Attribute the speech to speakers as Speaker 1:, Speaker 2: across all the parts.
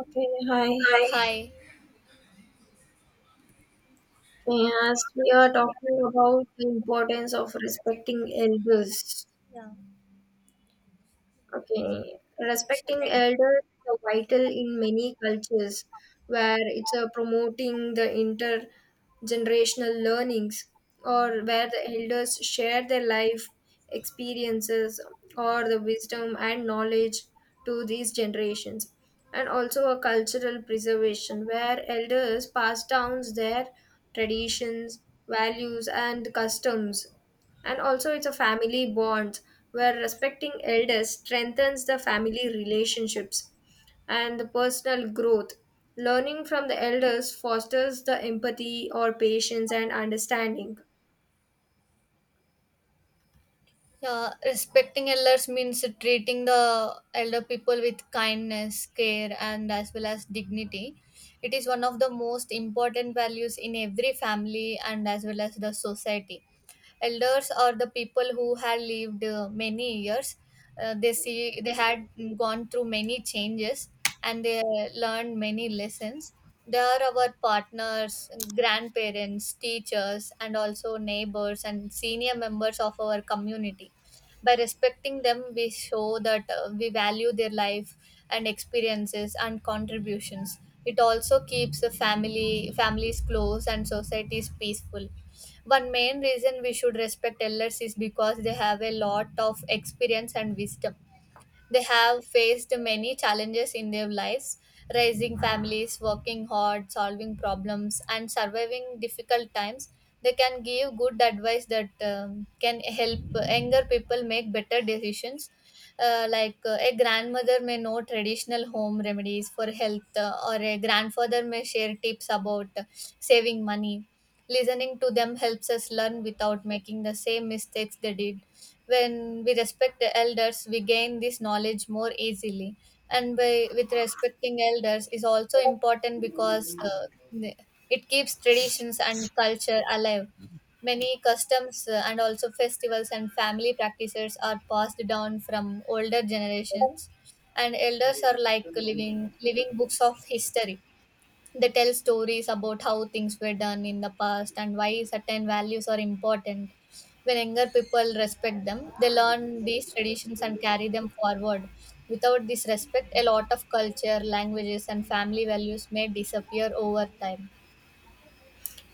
Speaker 1: Okay, hi.
Speaker 2: Hi. Hi.
Speaker 1: As we are talking about the importance of respecting elders.
Speaker 2: Yeah.
Speaker 1: Okay.
Speaker 2: Should.
Speaker 1: Respecting elders is vital in many cultures where it's promoting the intergenerational learnings, or where the elders share their life experiences or the wisdom and knowledge to these generations. And also a cultural preservation where elders pass down their traditions, values, and customs, and also it's a family bond where respecting elders strengthens the family relationships and the personal growth. Learning from the elders fosters the empathy or patience and understanding.
Speaker 2: Yeah, respecting elders means treating the elder people with kindness, care, and as well as dignity. It is one of the most important values in every family and as well as the society. Elders are the people who had lived many years, they see they had gone through many changes, and they learned many lessons. They are our partners, grandparents, teachers, and also neighbors and senior members of our community. By respecting them, we show that we value their life and experiences and contributions. It also keeps the family families close and societies peaceful. One main reason we should respect elders is because they have a lot of experience and wisdom. They have faced many challenges in their lives, raising families, working hard, solving problems, and surviving difficult times. They can give good advice that can help younger people make better decisions. Like a grandmother may know traditional home remedies for health, or a grandfather may share tips about saving money. Listening to them helps us learn without making the same mistakes they did. When we respect the elders, we gain this knowledge more easily. And by with respecting elders is also important because it keeps traditions and culture alive. Many customs and also festivals and family practices are passed down from older generations, and elders are like living books of history. They tell stories about how things were done in the past and why certain values are important. When younger people respect them, they learn these traditions and carry them forward. Without this respect, a lot of culture, languages, and family values may disappear over time.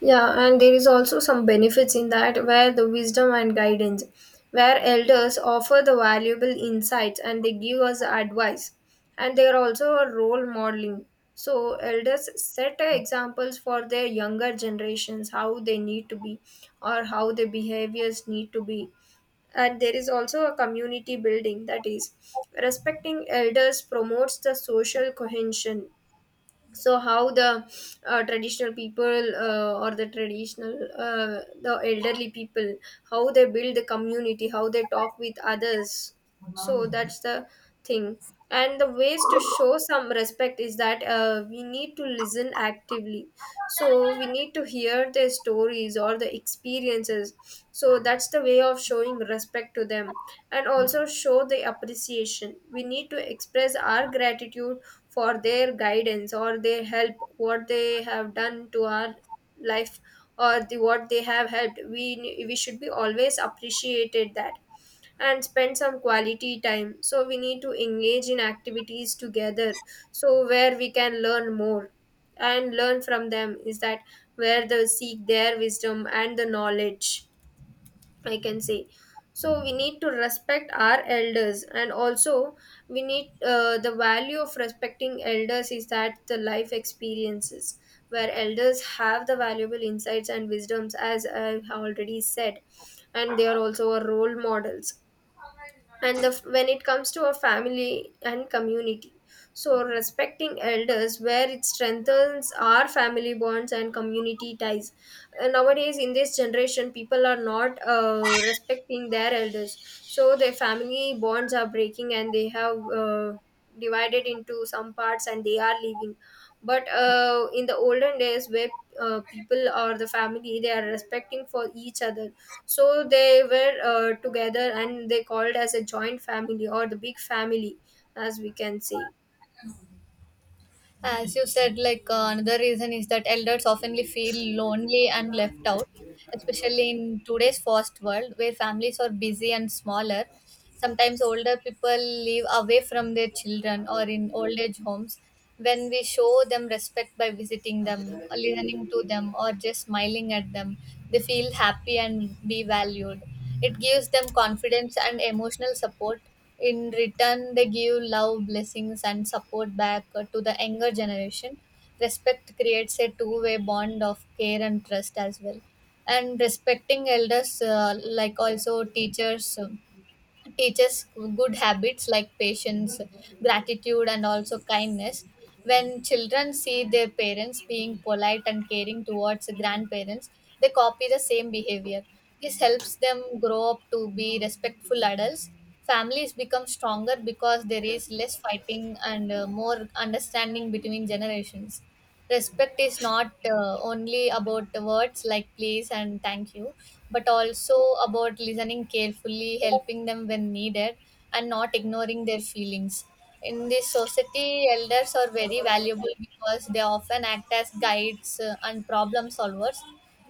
Speaker 1: Yeah, and there is also some benefits in that, where the wisdom and guidance, where elders offer the valuable insights and they give us advice, and they are also a role modeling. So elders set examples for their younger generations, how they need to be or how their behaviors need to be. And there is also a community building, that is respecting elders promotes the social cohesion, so how the traditional people or the traditional the elderly people, how they build the community, how they talk with others. So that's the thing. And the ways to show some respect is that we need to listen actively, so we need to hear their stories or the experiences. So that's the way of showing respect to them. And also show the appreciation, we need to express our gratitude for their guidance or their help, what they have done to our life, or the what they have helped. We should be always appreciated that. And spend some quality time. So we need to engage in activities together, so where we can learn more and learn from them, is that where they seek their wisdom and the knowledge. I can say. So we need to respect our elders, and also we need, the value of respecting elders is that the life experiences, where elders have the valuable insights and wisdoms, as I've already said. And they are also our role models. And the, when it comes to a family and community, so respecting elders where it strengthens our family bonds and community ties. Nowadays in this generation people are not respecting their elders, so their family bonds are breaking and they have divided into some parts and they are leaving. But in the olden days where people or the family, they are respecting for each other, so they were together and they called as a joint family or the big family, as we can say.
Speaker 2: As you said, like another reason is that elders oftenly feel lonely and left out, especially in today's fast world where families are busy and smaller. Sometimes older people live away from their children or in old age homes. When we show them respect by visiting them, listening to them, or just smiling at them, they feel happy and be valued. It gives them confidence and emotional support. In return, they give love, blessings, and support back, to the younger generation. Respect creates a two-way bond of care and trust as well. And respecting elders, like also teachers, teaches good habits like patience, gratitude, and also kindness. When children see their parents being polite and caring towards grandparents, they copy the same behavior. This helps them grow up to be respectful adults. Families become stronger because there is less fighting and more understanding between generations. Respect is not only about the words like please and thank you, but also about listening carefully, helping them when needed, and not ignoring their feelings. In this society, elders are very valuable because they often act as guides and problem solvers.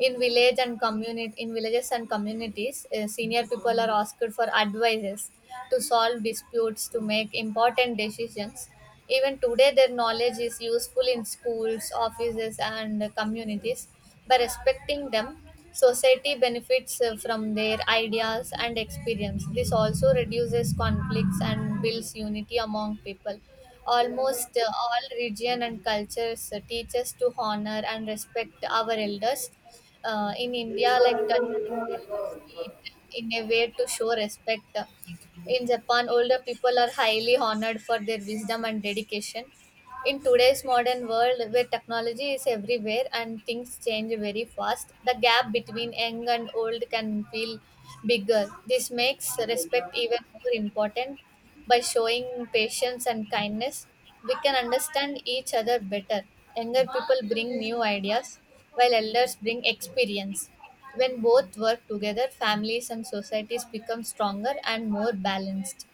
Speaker 2: In villages and communities, senior people are asked for advices, to solve disputes, to make important decisions. Even today, their knowledge is useful in schools, offices, and communities. By respecting them, society benefits from their ideas and experience. This also reduces conflicts and builds unity among people. Almost all region and cultures teach us to honor and respect our elders. In India, like sweet in a way to show respect. In Japan, older people are highly honored for their wisdom and dedication. In today's modern world, where technology is everywhere and things change very fast, the gap between young and old can feel bigger. This makes respect even more important. By showing patience and kindness, we can understand each other better. Younger people bring new ideas, while elders bring experience. When both work together, families and societies become stronger and more balanced.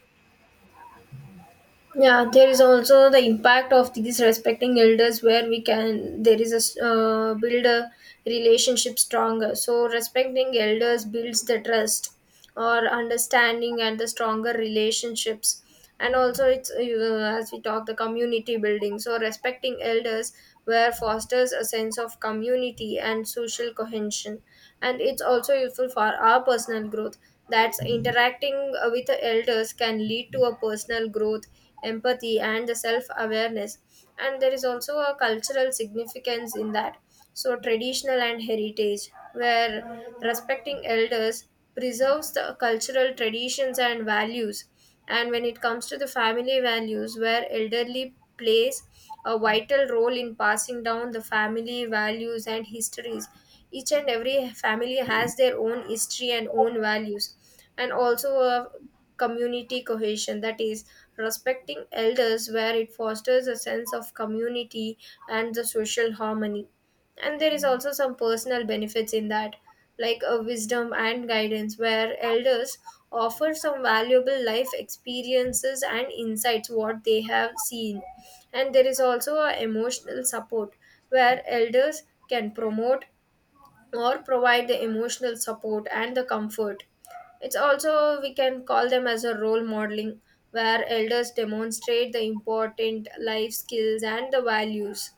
Speaker 1: Yeah, there is also the impact of these respecting elders, where we can, there is a build a relationship stronger. So respecting elders builds the trust or understanding and the stronger relationships. And also it's as we talk the community building. So respecting elders where fosters a sense of community and social cohesion. And it's also useful for our personal growth. That's interacting with the elders can lead to a personal growth, empathy, and the self awareness. And there is also a cultural significance in that, so traditional and heritage where respecting elders preserves the cultural traditions and values. And when it comes to the family values, where elderly plays a vital role in passing down the family values and histories. Each and every family has their own history and own values. And also a community cohesion, that is respecting elders where it fosters a sense of community and the social harmony. And there is also some personal benefits in that, like a wisdom and guidance where elders offer some valuable life experiences and insights, what they have seen. And there is also a emotional support where elders can promote or provide the emotional support and the comfort. It's also, we can call them as a role modeling, where elders demonstrate the important life skills and the values.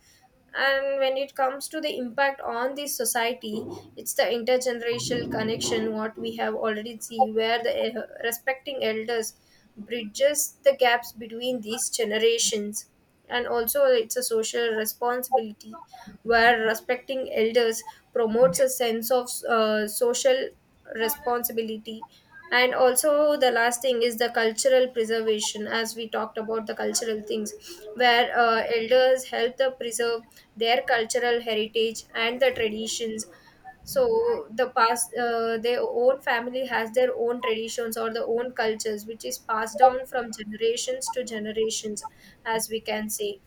Speaker 1: And when it comes to the impact on the society, it's the intergenerational connection, what we have already see, where the respecting elders bridges the gaps between these generations. And also it's a social responsibility, where respecting elders promotes a sense of social responsibility. And also the last thing is the cultural preservation, as we talked about the cultural things, where elders help to preserve their cultural heritage and the traditions. So the past, their own family has their own traditions or their own cultures, which is passed down from generations to generations, as we can say.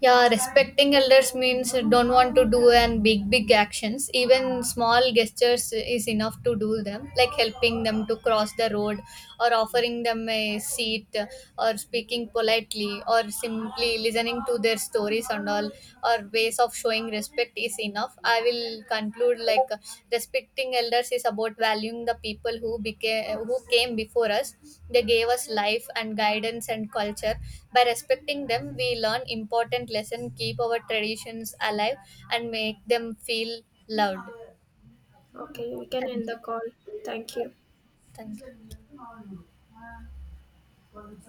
Speaker 2: Yeah, respecting elders means don't want to do and big big actions. Even small gestures is enough to do them, like helping them to cross the road, or offering them a seat, or speaking politely, or simply listening to their stories and all, or ways of showing respect is enough. I will conclude like, respecting elders is about valuing the people who became who came before us. They gave us life and guidance and culture. By respecting them, we learn important lesson, keep our traditions alive, and make them feel loved.
Speaker 1: Okay, we can end
Speaker 2: Thank
Speaker 1: the
Speaker 2: you.
Speaker 1: call. Thank
Speaker 2: Yeah,
Speaker 1: you.
Speaker 2: thank you.